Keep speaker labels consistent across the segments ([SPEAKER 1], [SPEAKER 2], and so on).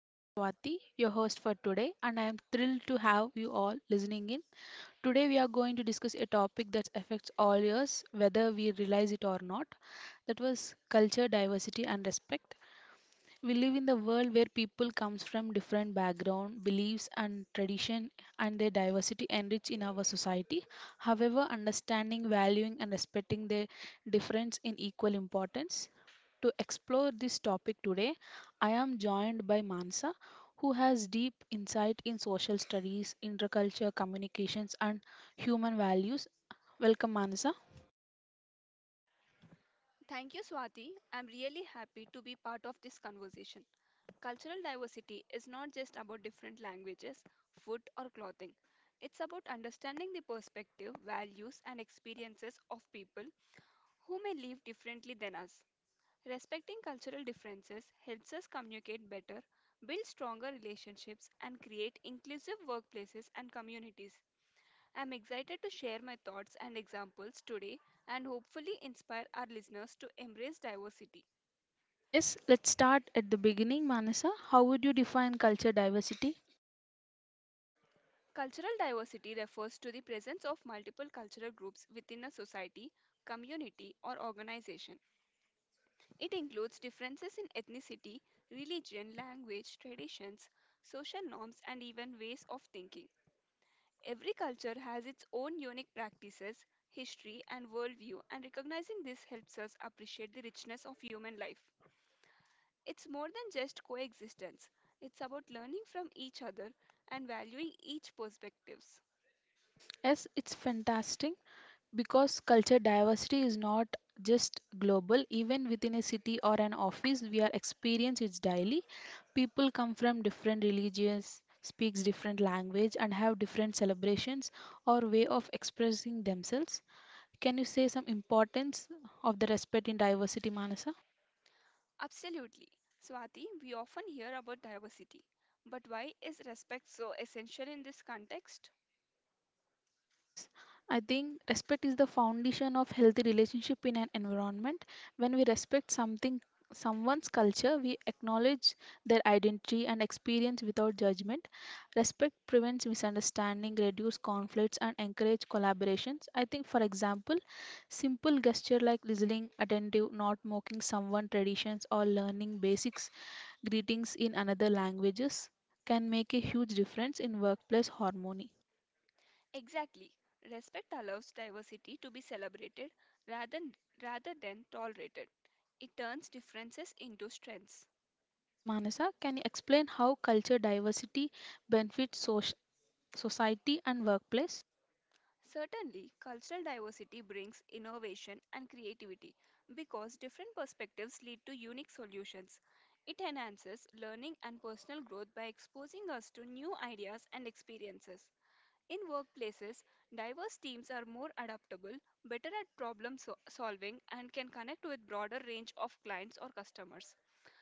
[SPEAKER 1] I am Swati, your host for today, and I am thrilled to have you all listening in. Today, we are going to discuss a topic that affects all years, whether we realize it or not. That was culture, diversity, and respect. We live in the world where people comes from different background, beliefs and tradition and their diversity enrich in our society. However, understanding, valuing and respecting their difference in equal importance. To explore this topic today, I am joined by Mansa who has deep insight in social studies, intercultural communications and human values. Welcome Manasa.
[SPEAKER 2] Thank you, Swati. I'm really happy to be part of this conversation. Cultural diversity is not just about different languages, food, or clothing. It's about understanding the perspective, values, and experiences of people who may live differently than us. Respecting cultural differences helps us communicate better, build stronger relationships, and create inclusive workplaces and communities. I'm excited to share my thoughts and examples today and hopefully inspire our listeners to embrace diversity.
[SPEAKER 1] Yes, let's start at the beginning Manasa. How would you define culture diversity?
[SPEAKER 2] Cultural diversity refers to the presence of multiple cultural groups within a society, community, or organization. It includes differences in ethnicity, religion, language, traditions, social norms, and even ways of thinking. Every culture has its own unique practices, history, and worldview, and recognizing this helps us appreciate the richness of human life. It's more than just coexistence, it's about learning from each other and valuing each perspectives.
[SPEAKER 1] Yes, it's fantastic because culture diversity is not just global. Even within a city or an office, we are experience it daily. People come from different religions, speaks different language, and have different celebrations or way of expressing themselves. Can you say some importance of the respect in diversity, Manasa?
[SPEAKER 2] Absolutely. Swati, we often hear about diversity, but why is respect so essential in this context?
[SPEAKER 1] Yes, I think respect is the foundation of healthy relationship in an environment. When we respect something someone's culture, we acknowledge their identity and experience without judgment. Respect prevents misunderstanding, reduce conflicts and encourage collaborations. I think for example, simple gesture like listening attentive, not mocking someone traditions or learning basics greetings in another languages can make a huge difference in workplace harmony.
[SPEAKER 2] Exactly. Respect allows diversity to be celebrated rather, rather than tolerated. It turns differences into strengths.
[SPEAKER 1] Yes, Manasa, can you explain how culture diversity benefits society and workplace?
[SPEAKER 2] Certainly, cultural diversity brings innovation and creativity because different perspectives lead to unique solutions. It enhances learning and personal growth by exposing us to new ideas and experiences. In workplaces, diverse teams are more adaptable, better at solving, and can connect with broader range of clients or customers.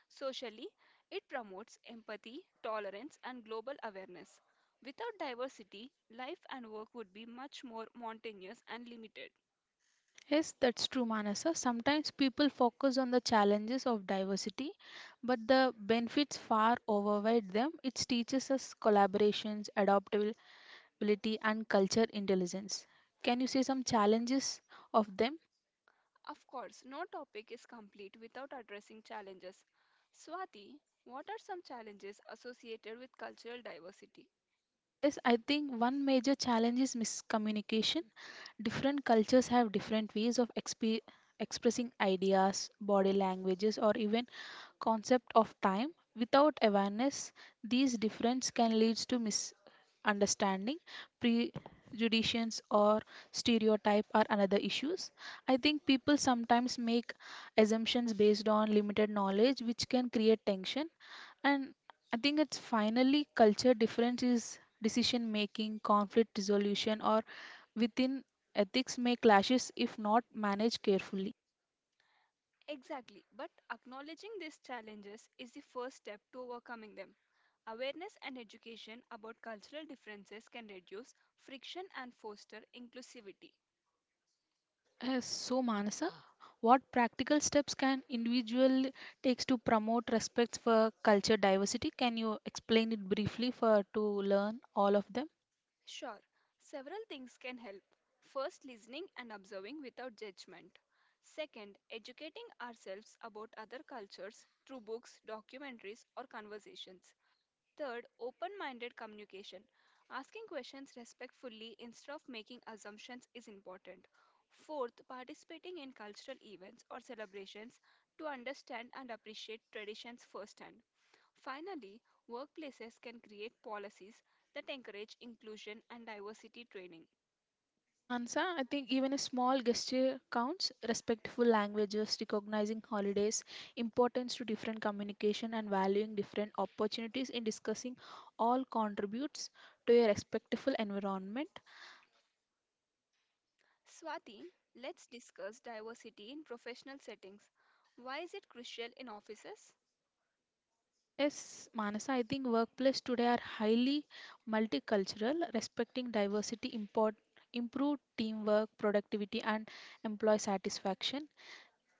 [SPEAKER 2] Socially, it promotes empathy, tolerance, and global awareness. Without diversity, life and work would be much more monotonous and limited.
[SPEAKER 1] Yes, that's true, Manasa. Sometimes people focus on the challenges of diversity, but the benefits far override them. It teaches us collaborations, adaptability, and culture intelligence. Can you say some challenges of them?
[SPEAKER 2] Of course, no topic is complete without addressing challenges. Swati, what are some challenges associated with cultural diversity?
[SPEAKER 1] Yes, I think one major challenge is miscommunication. Different cultures have different ways of expressing ideas, body languages, or even concept of time. Without awareness, these differences can lead to misunderstanding, prejudices, or stereotype are another issues. I think people sometimes make assumptions based on limited knowledge, which can create tension. And I think it's finally culture difference is decision making, conflict resolution, or within ethics may clashes if not managed carefully.
[SPEAKER 2] Exactly, but acknowledging these challenges is the first step to overcoming them. Awareness and education about cultural differences can reduce friction and foster inclusivity.
[SPEAKER 1] So, Manasa, what practical steps can individual takes to promote respect for culture diversity? Can you explain it briefly for to learn all of them?
[SPEAKER 2] Sure, several things can help. First, listening and observing without judgment. Second, educating ourselves about other cultures through books, documentaries, or conversations. Third, open minded communication. Asking questions respectfully instead of making assumptions is important. Fourth, participating in cultural events or celebrations to understand and appreciate traditions firsthand. Finally, workplaces can create policies that encourage inclusion and diversity training.
[SPEAKER 1] Yes, Mansa, I think even a small gesture counts. Respectful languages, recognizing holidays, importance to different communication, and valuing different opportunities in discussing all contributes to a respectful environment.
[SPEAKER 2] Swati, let's discuss diversity in professional settings. Why is it crucial in offices?
[SPEAKER 1] Yes, Manasa, I think workplace today are highly multicultural, respecting diversity import improve teamwork, productivity, and employee satisfaction.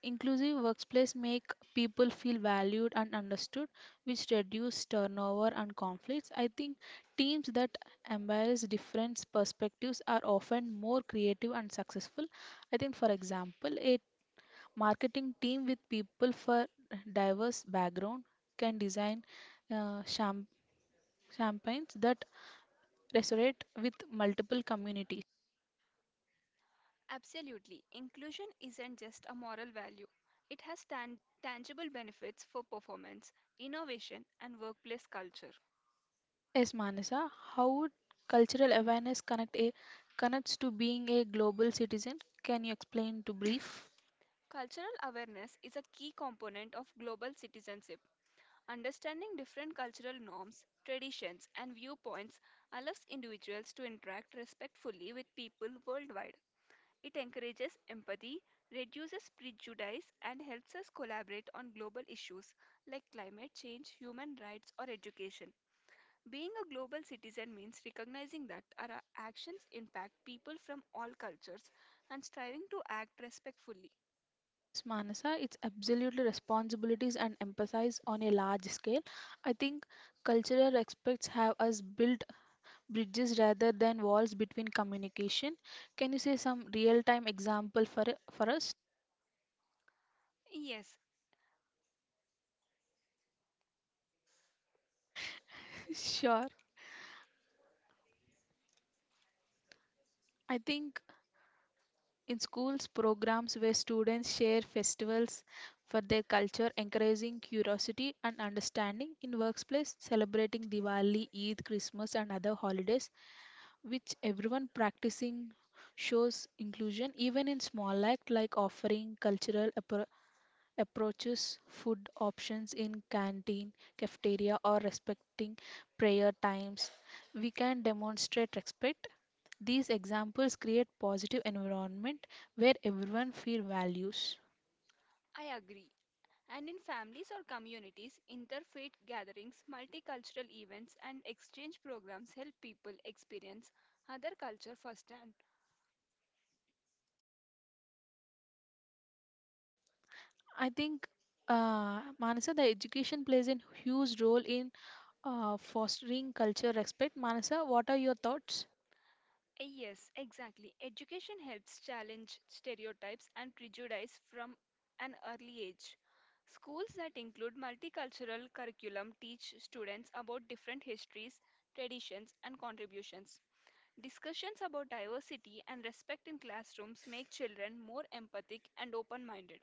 [SPEAKER 1] Inclusive workplace make people feel valued and understood, which reduce turnover and conflicts. I think teams that embrace different perspectives are often more creative and successful. I think, for example, a marketing team with people for diverse background can design uh, champ- campaigns that resonate with multiple communities.
[SPEAKER 2] Absolutely. Inclusion isn't just a moral value, it has tangible benefits for performance, innovation, and workplace culture.
[SPEAKER 1] Yes, Manasa, how would cultural awareness connect a connects to being a global citizen? Can you explain to brief?
[SPEAKER 2] Cultural awareness is a key component of global citizenship. Understanding different cultural norms, traditions, and viewpoints allows individuals to interact respectfully with people worldwide. It encourages empathy, reduces prejudice, and helps us collaborate on global issues like climate change, human rights, or education. Being a global citizen means recognizing that our actions impact people from all cultures and striving to act respectfully.
[SPEAKER 1] Yes, Manasa, it's absolutely responsibilities and emphasis on a large scale. I think cultural aspects have us build bridges rather than walls between communication. Can you say some real time example for us?
[SPEAKER 2] Yes,
[SPEAKER 1] Sure. I think In schools, programs where students share festivals for their culture, encouraging curiosity and understanding. In workplace, celebrating Diwali, Eid, Christmas, and other holidays, which everyone practicing shows inclusion, even in small act like offering cultural approaches food options in canteen, cafeteria or respecting prayer times. We can demonstrate respect. These examples create positive environment where everyone feel values.
[SPEAKER 2] I agree. And in families or communities, interfaith gatherings, multicultural events, and exchange programs help people experience other culture firsthand.
[SPEAKER 1] I think Manasa, the education plays a huge role in fostering culture respect. Manasa, what are your thoughts?
[SPEAKER 2] Yes, exactly. Education helps challenge stereotypes and prejudice from an early age. Schools that include multicultural curriculum teach students about different histories, traditions, and contributions. Discussions about diversity and respect in classrooms make children more empathic and open minded.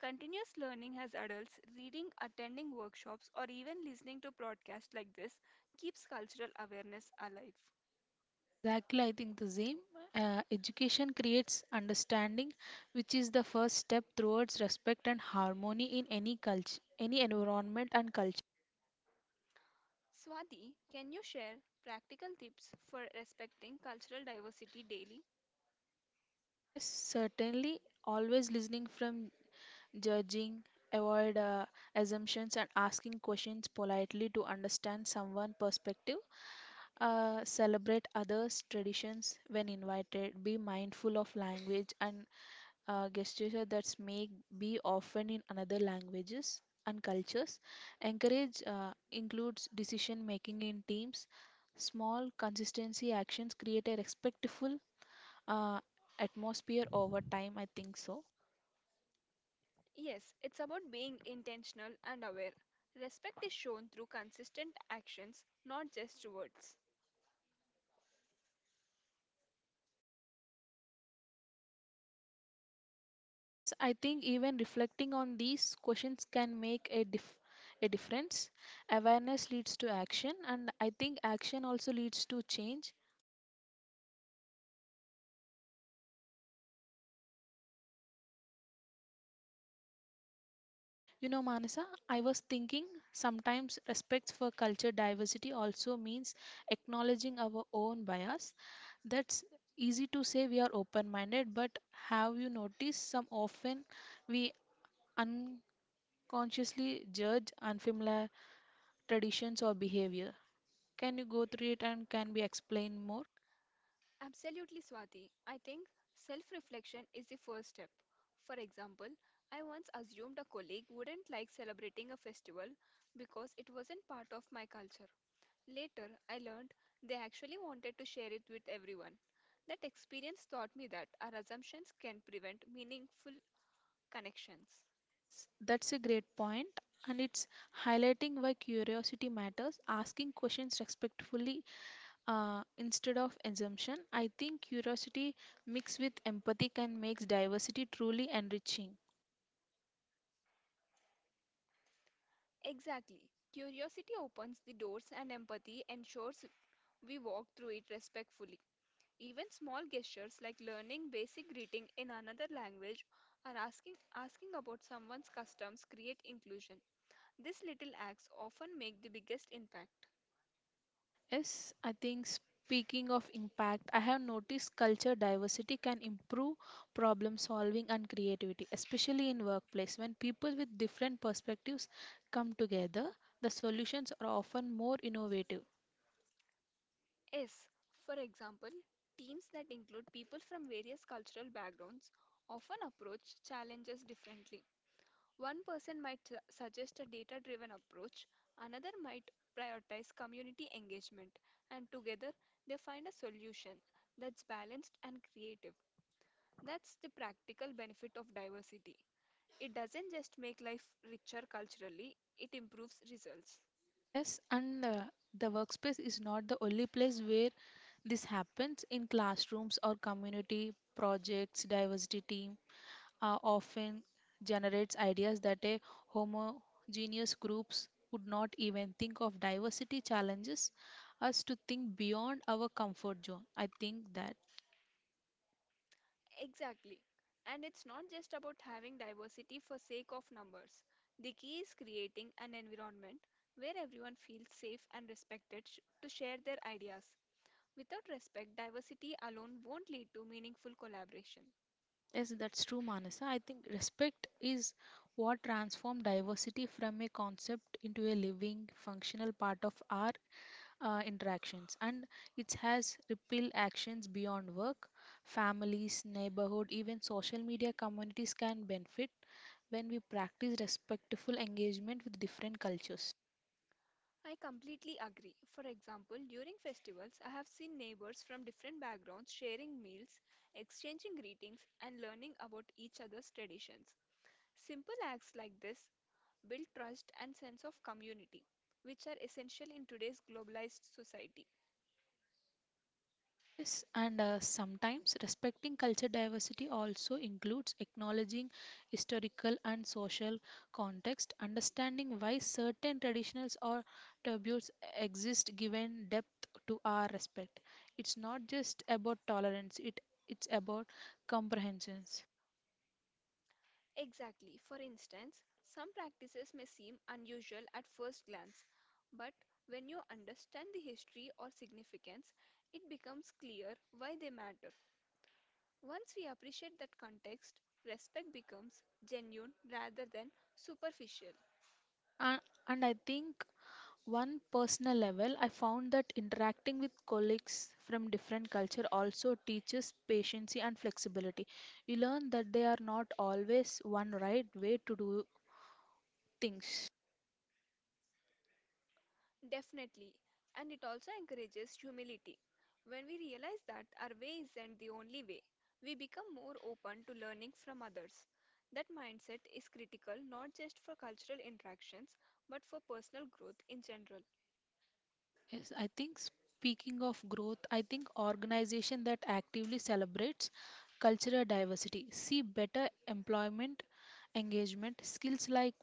[SPEAKER 2] Continuous learning as adults, reading, attending workshops, or even listening to podcasts like this keeps cultural awareness alive.
[SPEAKER 1] Exactly, I think the same. Education creates understanding, which is the first step towards respect and harmony in any culture, any environment and culture.
[SPEAKER 2] Swati, can you share practical tips for respecting cultural diversity daily?
[SPEAKER 1] Yes, certainly, always listening from judging, avoid assumptions, and asking questions politely to understand someone's perspective. Celebrate others' traditions when invited. Be mindful of language and gesture that may be often in another languages and cultures. Encourage includes decision making in teams. Small consistency actions create a respectful uh, atmosphere over time. I think so.
[SPEAKER 2] Yes, it's about being intentional and aware. Respect is shown through consistent actions, not just words.
[SPEAKER 1] Yes, I think even reflecting on these questions can make a difference. Awareness leads to action, and I think action also leads to change. You know, Manasa, I was thinking sometimes respect for culture diversity also means acknowledging our own bias. That's easy to say we are open minded, but have you noticed some often we unconsciously judge unfamiliar traditions or behavior? Can you go through it and can we explain more?
[SPEAKER 2] Absolutely, Swati. I think self reflection is the first step. For example, I once assumed a colleague wouldn't like celebrating a festival because it wasn't part of my culture. Later, I learned they actually wanted to share it with everyone. That experience taught me that our assumptions can prevent meaningful connections.
[SPEAKER 1] Yes, that's a great point, and it's highlighting why curiosity matters. Asking questions respectfully instead of assumption, I think curiosity mixed with empathy can make diversity truly enriching.
[SPEAKER 2] Exactly. Curiosity opens the doors, and empathy ensures we walk through it respectfully. Even small gestures like learning basic greeting in another language or asking about someone's customs create inclusion. These little acts often make the biggest impact.
[SPEAKER 1] Yes, I think speaking of impact, I have noticed culture diversity can improve problem solving and creativity, especially in workplace. When people with different perspectives come together, the solutions are often more innovative.
[SPEAKER 2] Yes, for example, teams that include people from various cultural backgrounds often approach challenges differently. One person might suggest a data driven approach, another might prioritize community engagement, and together they find a solution that's balanced and creative. That's the practical benefit of diversity. It doesn't just make life richer culturally, it improves results.
[SPEAKER 1] Yes, and the workspace is not the only place where this happens. In classrooms or community projects, diversity team often generates ideas that a homogeneous groups would not even think of. Diversity challenges us to think beyond our comfort zone. I think that
[SPEAKER 2] Exactly. And it's not just about having diversity for sake of numbers. The key is creating an environment where everyone feels safe and respected to share their ideas. Without respect, diversity alone won't lead to meaningful collaboration.
[SPEAKER 1] yes, that's true, Manasa. I think respect is what transforms diversity from a concept into a living, functional part of our interactions and it has ripple actions beyond work families neighborhood even social media communities can benefit when we practice respectful engagement with different cultures
[SPEAKER 2] I completely agree. For example, during festivals, I have seen neighbors from different backgrounds sharing meals, exchanging greetings, and learning about each other's traditions. Simple acts like this build trust and sense of community, which are essential in today's globalized society.
[SPEAKER 1] Yes, and sometimes respecting culture diversity also includes acknowledging historical and social context, understanding why certain traditions or taboos exist, given depth to our respect. It's not just about tolerance; it's about comprehensions.
[SPEAKER 2] Exactly. For instance, some practices may seem unusual at first glance, but when you understand the history or significance, it becomes clear why they matter. Once we appreciate that context, respect becomes genuine rather than superficial.
[SPEAKER 1] And, and I think one personal level I found that interacting with colleagues from different culture also teaches patience and flexibility you learn that they are not always one right way to do things
[SPEAKER 2] Definitely. And it also encourages humility. When we realize that our way isn't the only way, we become more open to learning from others. That mindset is critical not just for cultural interactions but for personal growth in general.
[SPEAKER 1] Yes, I think speaking of growth, I think organization that actively celebrates cultural diversity see better employment engagement skills like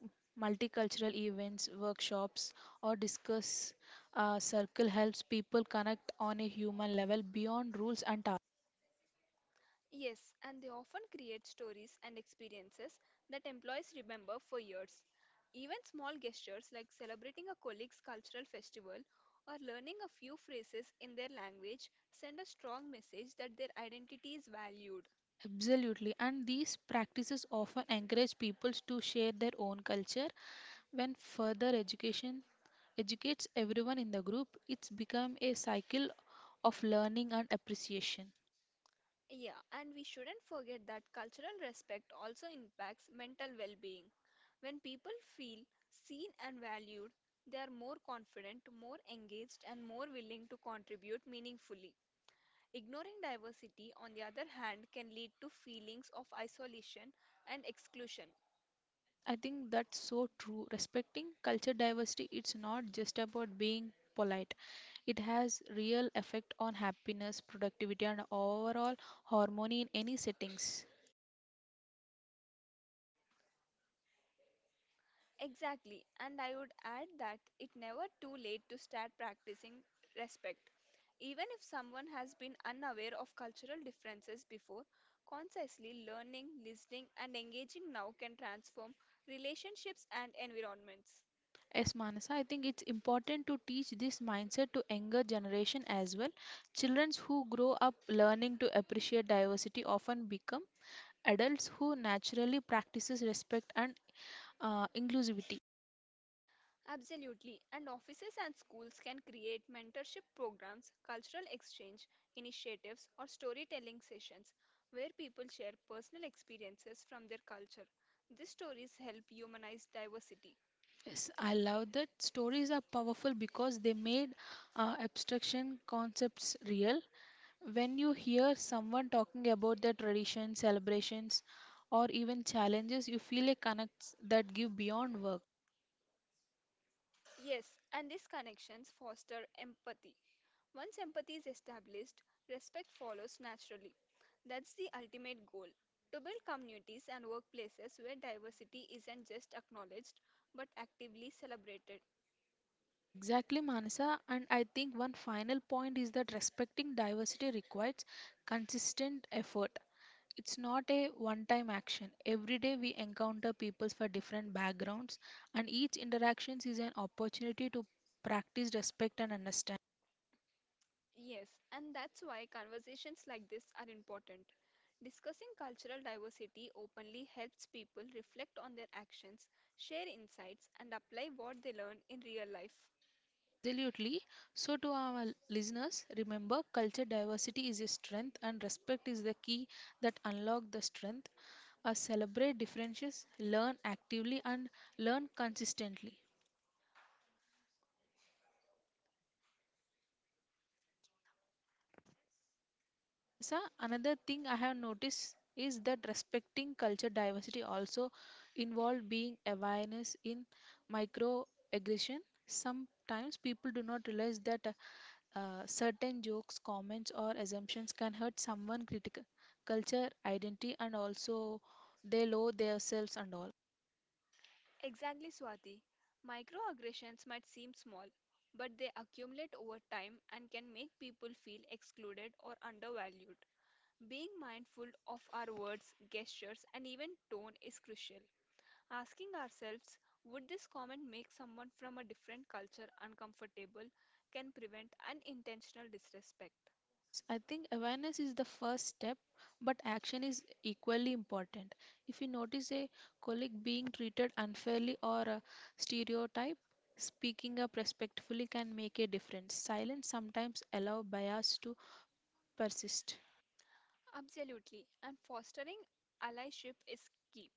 [SPEAKER 1] multicultural events workshops or discuss circle helps people connect on a human level beyond rules and tasks
[SPEAKER 2] Yes, and they often create stories and experiences that employees remember for years. Even small gestures like celebrating a colleague's cultural festival or learning a few phrases in their language send a strong message that their identity is valued.
[SPEAKER 1] absolutely and these practices often encourage people to share their own culture when further education educates everyone in the group, it's become a cycle of learning and appreciation.
[SPEAKER 2] Yeah, and we shouldn't forget that cultural respect also impacts mental well being. When people feel seen and valued, they are more confident, more engaged, and more willing to contribute meaningfully. Ignoring diversity, on the other hand, can lead to feelings of isolation and exclusion.
[SPEAKER 1] That's, I think that's so true. Respecting culture diversity, it's not just about being polite. It has real effect on happiness, productivity, and overall harmony in any settings.
[SPEAKER 2] Exactly, and I would add that it never too late to start practicing respect. Even if someone has been unaware of cultural differences before, consciously learning, listening, and engaging now can transform relationships and environments.
[SPEAKER 1] Yes, Manasa, I think it's important to teach this mindset to younger generation as well. Children who grow up learning to appreciate diversity often become adults who naturally practices respect and inclusivity.
[SPEAKER 2] Absolutely. And offices and schools can create mentorship programs, cultural exchange initiatives, or storytelling sessions where people share personal experiences from their culture. These stories help humanize diversity.
[SPEAKER 1] Yes, I love that stories are powerful because they made abstraction concepts real. When you hear someone talking about their traditions, celebrations, or even challenges, you feel a connect that give beyond work.
[SPEAKER 2] Yes, and these connections foster empathy. Once empathy is established, respect follows naturally. That's the ultimate goal to build communities and workplaces where diversity isn't just acknowledged but actively celebrated.
[SPEAKER 1] Exactly, Manasa. And I think one final point is that respecting diversity requires consistent effort. It's not a one time action. Every day we encounter people for different backgrounds, and each interaction is an opportunity to practice respect and understand.
[SPEAKER 2] Yes, and that's why conversations like this are important. Discussing cultural diversity openly helps people reflect on their actions, share insights, and apply what they learn in real life.
[SPEAKER 1] Absolutely. So, to our listeners, remember culture diversity is a strength, and respect is the key that unlock the strength. Celebrate differences, learn actively, and learn consistently. Manasa, another thing I have noticed is that respecting culture diversity also involved being awareness in microaggression. Sometimes people do not realize that certain jokes, comments, or assumptions can hurt someone critical culture, identity, and also they lower themselves and all.
[SPEAKER 2] Exactly, Swati. Microaggressions might seem small, but they accumulate over time and can make people feel excluded or undervalued. Being mindful of our words, gestures, and even tone is crucial. Asking ourselves, would this comment make someone from a different culture uncomfortable, can prevent unintentional disrespect.
[SPEAKER 1] Yes, I think awareness is the first step, but action is equally important. If you notice a colleague being treated unfairly or a stereotype, speaking up respectfully can make a difference. Silence sometimes allow bias to persist.
[SPEAKER 2] Absolutely, and fostering allyship is key.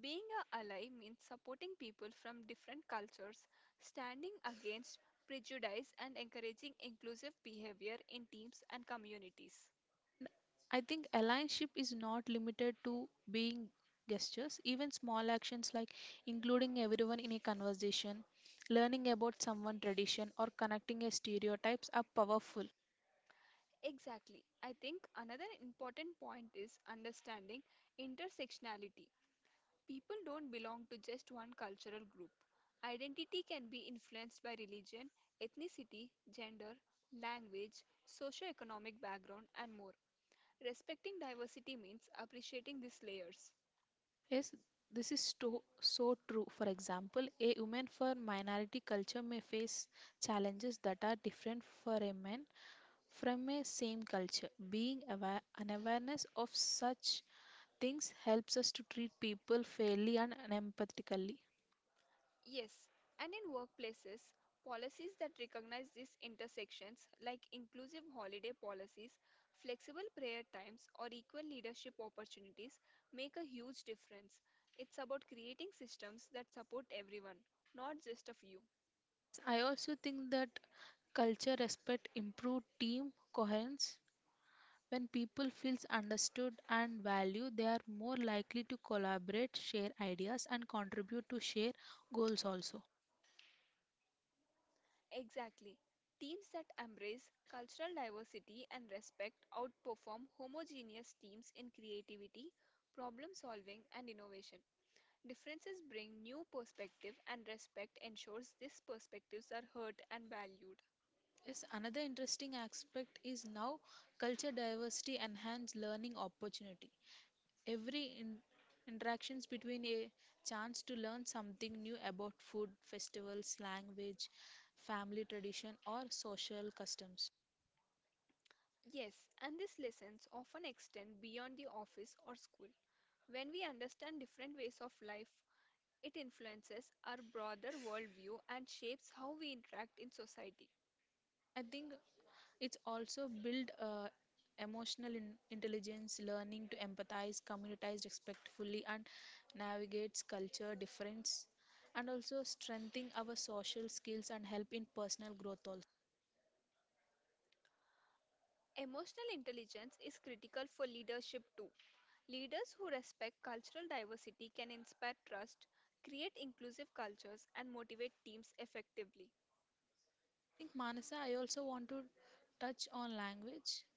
[SPEAKER 2] Being a ally means supporting people from different cultures, standing against prejudice, and encouraging inclusive behavior in teams and communities.
[SPEAKER 1] And I think allyship is not limited to being gestures. Even small actions like including everyone in a conversation, learning about someone's tradition, or connecting a stereotypes are powerful.
[SPEAKER 2] Exactly. I think another important point is understanding intersectionality. People don't belong to just one cultural group. Identity can be influenced by religion, ethnicity, gender, language, socioeconomic background, and more. Respecting diversity means appreciating these layers.
[SPEAKER 1] Yes, this is to, so true. For example, a woman from minority culture may face challenges that are different for a man from a same culture. Being aware, an awareness of such things helps us to treat people fairly and empathically.
[SPEAKER 2] Yes, and in workplaces, policies that recognize these intersections, like inclusive holiday policies, flexible prayer times, or equal leadership opportunities, make a huge difference. It's about creating systems that support everyone, not just a few.
[SPEAKER 1] Yes, I also think that culture respect improve team coherence. When people feels understood and valued, they are more likely to collaborate, share ideas, and contribute to share goals also.
[SPEAKER 2] Exactly. Teams that embrace cultural diversity and respect outperform homogeneous teams in creativity, problem solving, and innovation. Differences bring new perspective, and respect ensures these perspectives are heard and valued.
[SPEAKER 1] Yes, another interesting aspect is now culture diversity enhance learning opportunity. Every interactions between a chance to learn something new about food, festivals, language, family tradition, or social customs.
[SPEAKER 2] Yes, and these lessons often extend beyond the office or school. When we understand different ways of life, it influences our broader worldview and shapes how we interact in society.
[SPEAKER 1] And I think it's also build emotional intelligence, learning to empathize, communities respectfully, and navigates culture difference, and also strengthening our social skills and help in personal growth. Also
[SPEAKER 2] Emotional intelligence is critical for leadership too. Leaders who respect cultural diversity can inspire trust, create inclusive cultures, and motivate teams effectively.
[SPEAKER 1] I think, Manasa, I also want to touch on language.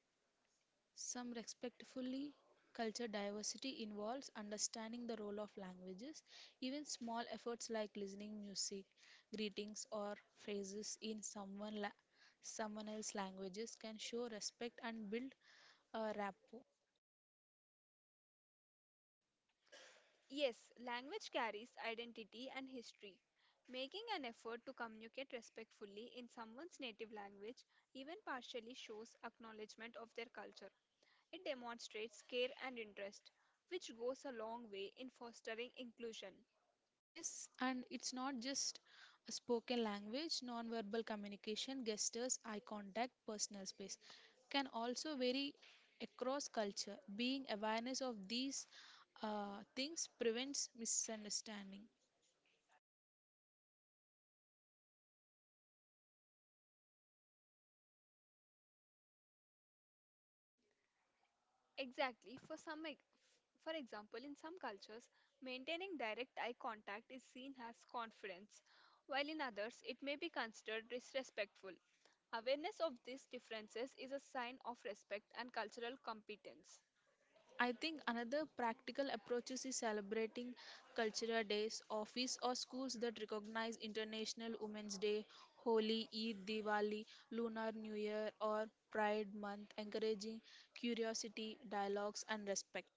[SPEAKER 1] Some respectfully culture diversity involves understanding the role of languages. Even small efforts like listening music, greetings, or phrases in someone else's languages can show respect and build a rapport.
[SPEAKER 2] Yes, language carries identity and history. Making an effort to communicate respectfully in someone's native language even partially shows acknowledgement of their culture. It demonstrates care and interest, which goes a long way in fostering inclusion.
[SPEAKER 1] Yes, and it's not just a spoken language, nonverbal communication, gestures, eye contact, personal space can also vary across culture. Being awareness of these things prevents misunderstanding.
[SPEAKER 2] Exactly. For example, in some cultures, maintaining direct eye contact is seen as confidence, while in others, it may be considered disrespectful. Awareness of these differences is a sign of respect and cultural competence.
[SPEAKER 1] And I think another practical approach is celebrating cultural days, office or schools that recognize International Women's Day, Holi, Eid, Diwali, Lunar New Year, or Pride Month, encouraging curiosity, dialogues, and respect.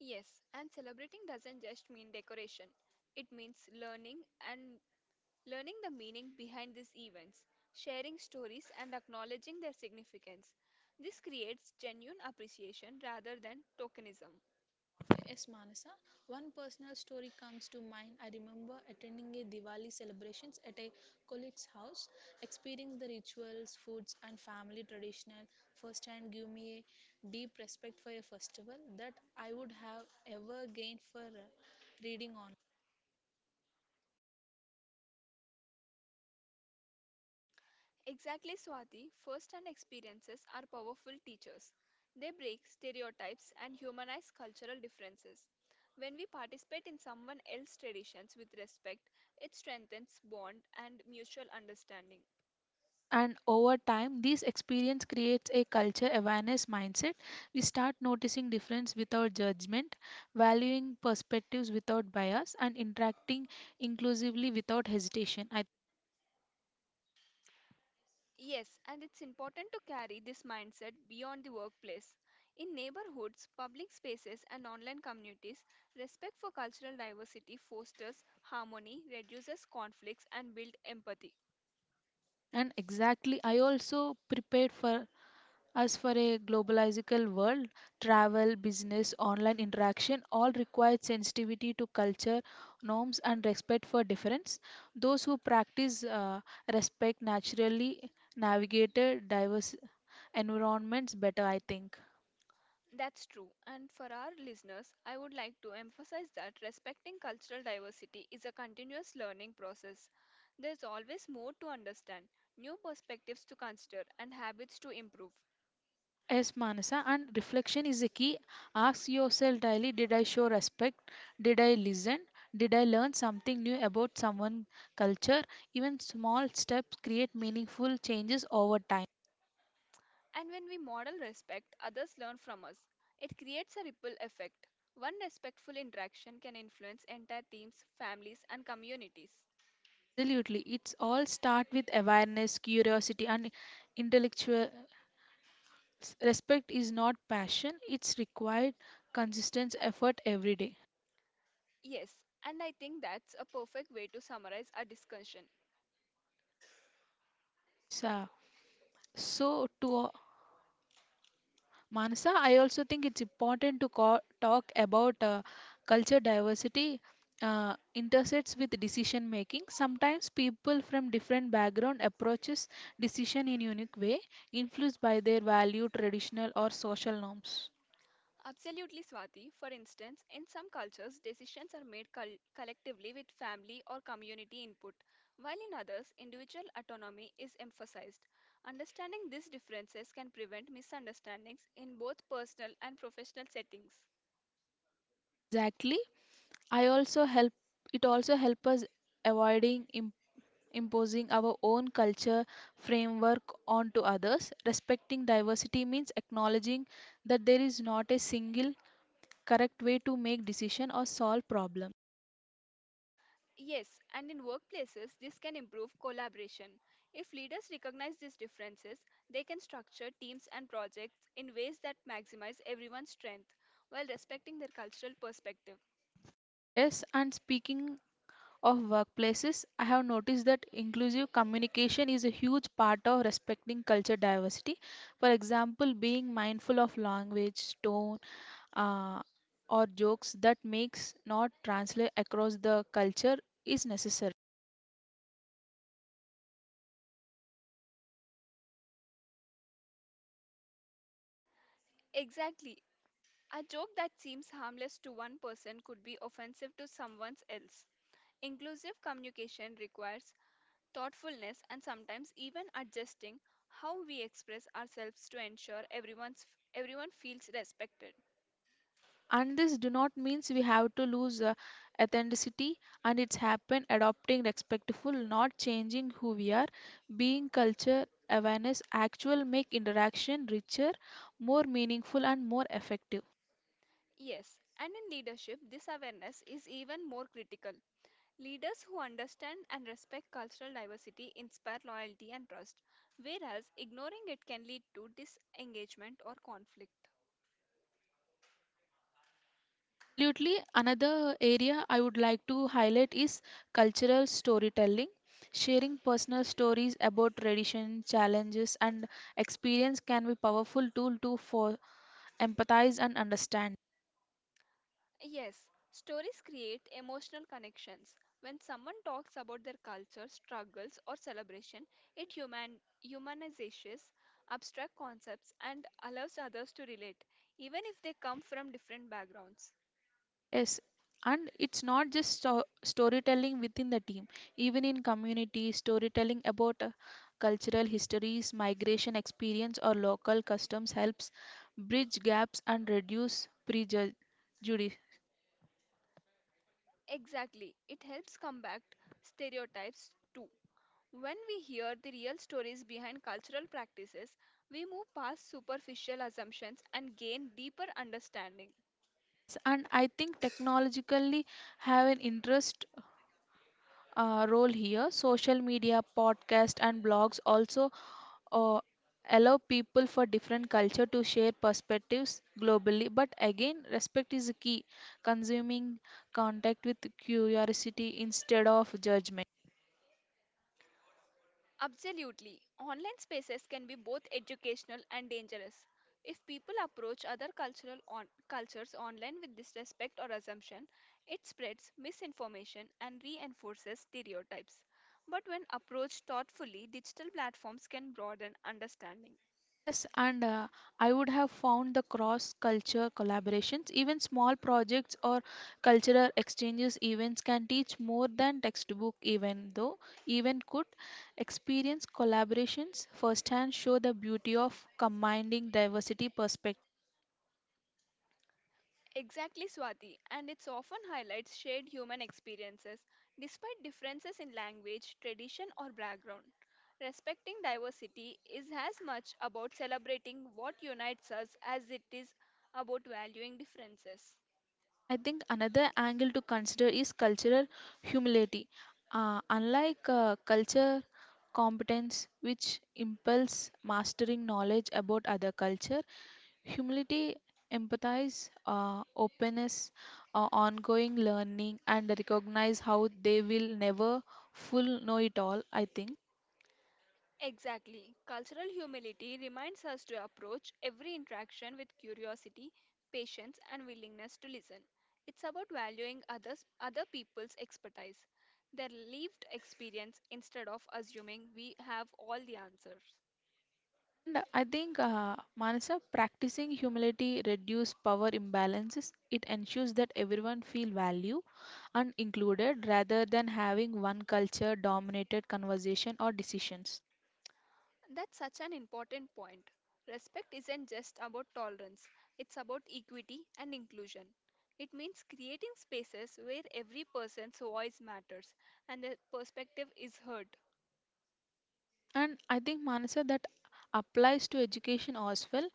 [SPEAKER 2] Yes, and celebrating doesn't just mean decoration. It means learning and learning the meaning behind these events, sharing stories and acknowledging their significance. This creates genuine appreciation rather than tokenism.
[SPEAKER 1] Okay. Yes, Manasa. One personal story comes to mind. I remember attending a Diwali celebrations at a colleague's house, experiencing the rituals, foods, and family traditional firsthand gave me a deep respect for a festival that I would have ever gained for reading.
[SPEAKER 2] Exactly, Swati. First hand experiences are powerful teachers. They break stereotypes and humanize cultural differences. When we participate in someone else's traditions with respect, it strengthens bond and mutual understanding.
[SPEAKER 1] And over time this experience creates a culture awareness mindset, we start noticing difference without judgment, valuing perspectives without bias, and interacting inclusively without hesitation I,
[SPEAKER 2] Yes, and it's important to carry this mindset beyond the workplace. In neighborhoods, public spaces, and online communities, respect for cultural diversity fosters harmony, reduces conflicts, and builds empathy.
[SPEAKER 1] and exactly, I also prepared for us for a globalizical world, travel business online interaction all require sensitivity to culture norms and respect for difference. Those who practice respect naturally navigated diverse environments better, I think.
[SPEAKER 2] That's true. And for our listeners, I would like to emphasize that respecting cultural diversity is a continuous learning process. There's always more to understand, new perspectives to consider, and habits to improve.
[SPEAKER 1] Yes, Manasa, and reflection is a key. Ask yourself daily, did I show respect? Did I listen? Did I learn something new about someone's culture? Even small steps create meaningful changes over time.
[SPEAKER 2] And when we model respect, others learn from us. It creates a ripple effect. One respectful interaction can influence entire teams, families, and communities.
[SPEAKER 1] Absolutely. It's all start with awareness, curiosity, and intellectual respect is not passion. It's required consistent effort every day.
[SPEAKER 2] Yes, and I think that's a perfect way to summarize our discussion.
[SPEAKER 1] Yes, so to Manasa, I also think it's important to talk about culture diversity intersects with decision making. Sometimes people from different background approaches decision in unique way, influenced by their value, traditional or social norms.
[SPEAKER 2] Absolutely, Swati. For instance, in some cultures, decisions are made collectively with family or community input, while in others, individual autonomy is emphasized. Understanding these differences can prevent misunderstandings in both personal and professional settings.
[SPEAKER 1] Exactly. I also help, it also help us avoiding imposing our own culture framework onto others. Respecting diversity means acknowledging that there is not a single correct way to make decision or solve problem.
[SPEAKER 2] Yes, and in workplaces, this can improve collaboration. If leaders recognize these differences, they can structure teams and projects in ways that maximize everyone's strength while respecting their cultural perspective.
[SPEAKER 1] Yes, and speaking of workplaces, I have noticed that inclusive communication is a huge part of respecting culture diversity. For example, being mindful of language tone uh, or jokes that makes not translate across the culture is necessary.
[SPEAKER 2] Exactly, a joke that seems harmless to one person could be offensive to someone else. Inclusive communication requires thoughtfulness and sometimes even adjusting how we express ourselves to ensure everyone feels respected.
[SPEAKER 1] And this do not means we have to lose authenticity, and it's happen adopting respectful, not changing who we are. Being culture awareness actual make interaction richer, more meaningful, and more effective.
[SPEAKER 2] Yes, and in leadership, this awareness is even more critical. Leaders who understand and respect cultural diversity inspire loyalty and trust, whereas ignoring it can lead to disengagement or conflict.
[SPEAKER 1] Absolutely. Another area I would like to highlight is cultural storytelling, sharing personal stories about tradition, challenges, and experience can be powerful tool to for empathize and understand.
[SPEAKER 2] Yes, stories create emotional connections. When someone talks about their culture, struggles, or celebration, it humanizes abstract concepts and allows others to relate, even if they come from different backgrounds.
[SPEAKER 1] Yes, and it's not just storytelling within the team, even in community, storytelling about cultural histories, migration experience, or local customs helps bridge gaps and reduce prejudice.
[SPEAKER 2] Exactly, it helps combat stereotypes too. When we hear the real stories behind cultural practices, we move past superficial assumptions and gain deeper understanding.
[SPEAKER 1] Yes, and I think technologically have an interest role here. Social media, podcast, and blogs also uh, allow people for different culture to share perspectives globally, but again respect is key, consuming contact with curiosity instead of judgment.
[SPEAKER 2] Absolutely. Online spaces can be both educational and dangerous. If people approach cultures online with disrespect or assumption, it spreads misinformation and reinforces stereotypes. But when approached thoughtfully, digital platforms can broaden understanding.
[SPEAKER 1] Yes, and I would have found the cross culture collaborations, even small projects or cultural exchanges events can teach more than textbook, even though, even could experience collaborations firsthand show the beauty of combining diversity perspectives.
[SPEAKER 2] Exactly, Swati, and it's often highlights shared human experiences despite differences in language, tradition, or background. Respecting diversity is as much about celebrating what unites us as it is about valuing differences.
[SPEAKER 1] I think another angle to consider is cultural humility. Unlike culture competence, which impels mastering knowledge about other culture, humility empathize openness ongoing learning and recognize how they will never full know it all, I think.
[SPEAKER 2] Exactly. Cultural humility reminds us to approach every interaction with curiosity, patience, and willingness to listen. It's about valuing others, other people's expertise, their lived experience, instead of assuming we have all the answers.
[SPEAKER 1] And I think, Manasa, practicing humility reduces power imbalances. It ensures that everyone feel value and included rather than having one culture dominated conversation or decisions.
[SPEAKER 2] That's such an important point. Respect isn't just about tolerance, it's about equity and inclusion. It means creating spaces where every person's voice matters and their perspective is heard.
[SPEAKER 1] And I think, Manasa, that applies to education as well.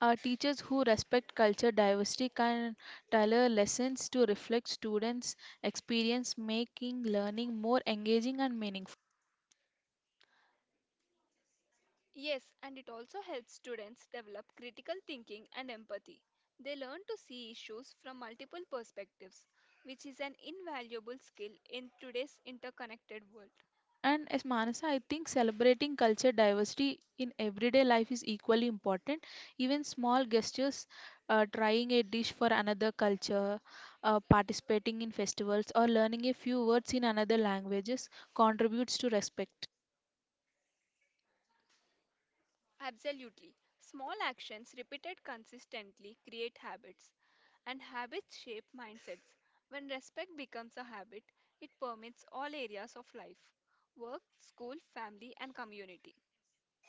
[SPEAKER 1] Teachers who respect culture diversity can tailor lessons to reflect students' experience, making learning more engaging and meaningful.
[SPEAKER 2] Yes, and it also helps students develop critical thinking and empathy. They learn to see issues from multiple perspectives, which is an invaluable skill in today's interconnected world.
[SPEAKER 1] And as Manasa, I think celebrating culture diversity in everyday life is equally important. Even small gestures, trying a dish for another culture, participating in festivals, or learning a few words in another languages contributes to respect.
[SPEAKER 2] Absolutely. Small actions repeated consistently create habits, and habits shape mindsets. When respect becomes a habit, it permeates all areas of life work, school, family, and community.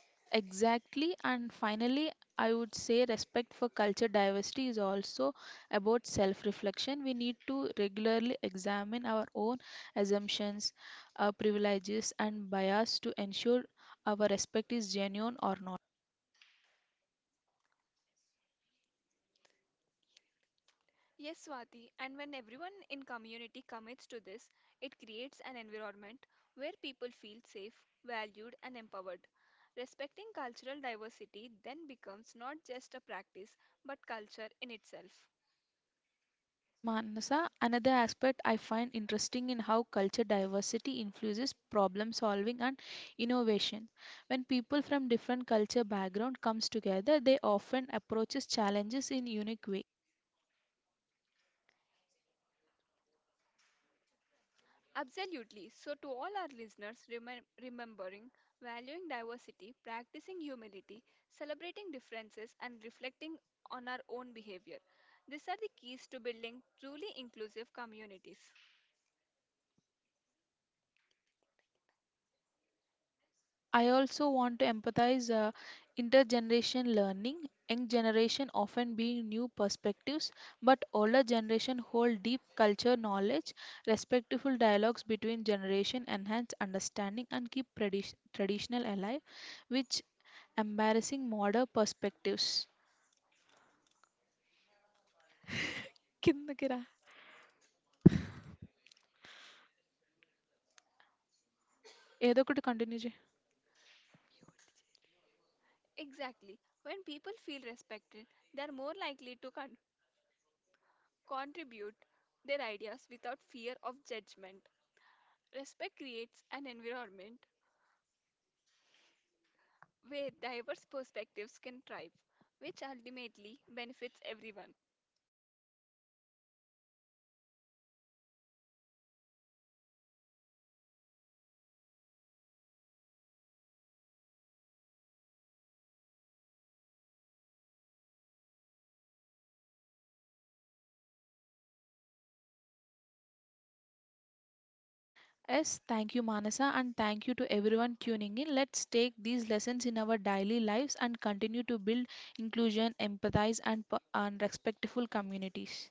[SPEAKER 1] Yes, exactly. And finally, I would say respect for culture diversity is also about self reflection. We need to regularly examine our own assumptions, our privileges, and bias to ensure our respect is genuine or not.
[SPEAKER 2] Yes, Swati, and when everyone in community commits to this, it creates an environment where people feel safe, valued, and empowered. Respecting cultural diversity then becomes not just a practice but culture in itself.
[SPEAKER 1] Yes, Manasa, another aspect I find interesting in how culture diversity influences problem solving and innovation. When people from different culture background comes together, they often approaches challenges in unique way.
[SPEAKER 2] Absolutely. So, to all our listeners, remembering valuing diversity, practicing humility, celebrating differences, and reflecting on our own behavior. These are the keys to building truly inclusive communities.
[SPEAKER 1] I also want to empathize intergeneration learning, young generation often being new perspectives, but older generation hold deep culture knowledge, respectful dialogues between generation enhance understanding and keep traditional alive, which embarrassing modern perspectives. కిందకి రా. ఏదో ఒకటి continue.
[SPEAKER 2] Exactly. When people feel respected, they are more likely to contribute their ideas without fear of judgment. Respect creates an environment where diverse perspectives can thrive, which ultimately benefits everyone.
[SPEAKER 1] Yes, thank you, Manasa, and thank you to everyone tuning in. Let's take these lessons in our daily lives and continue to build inclusion, empathize, and, and respectful communities.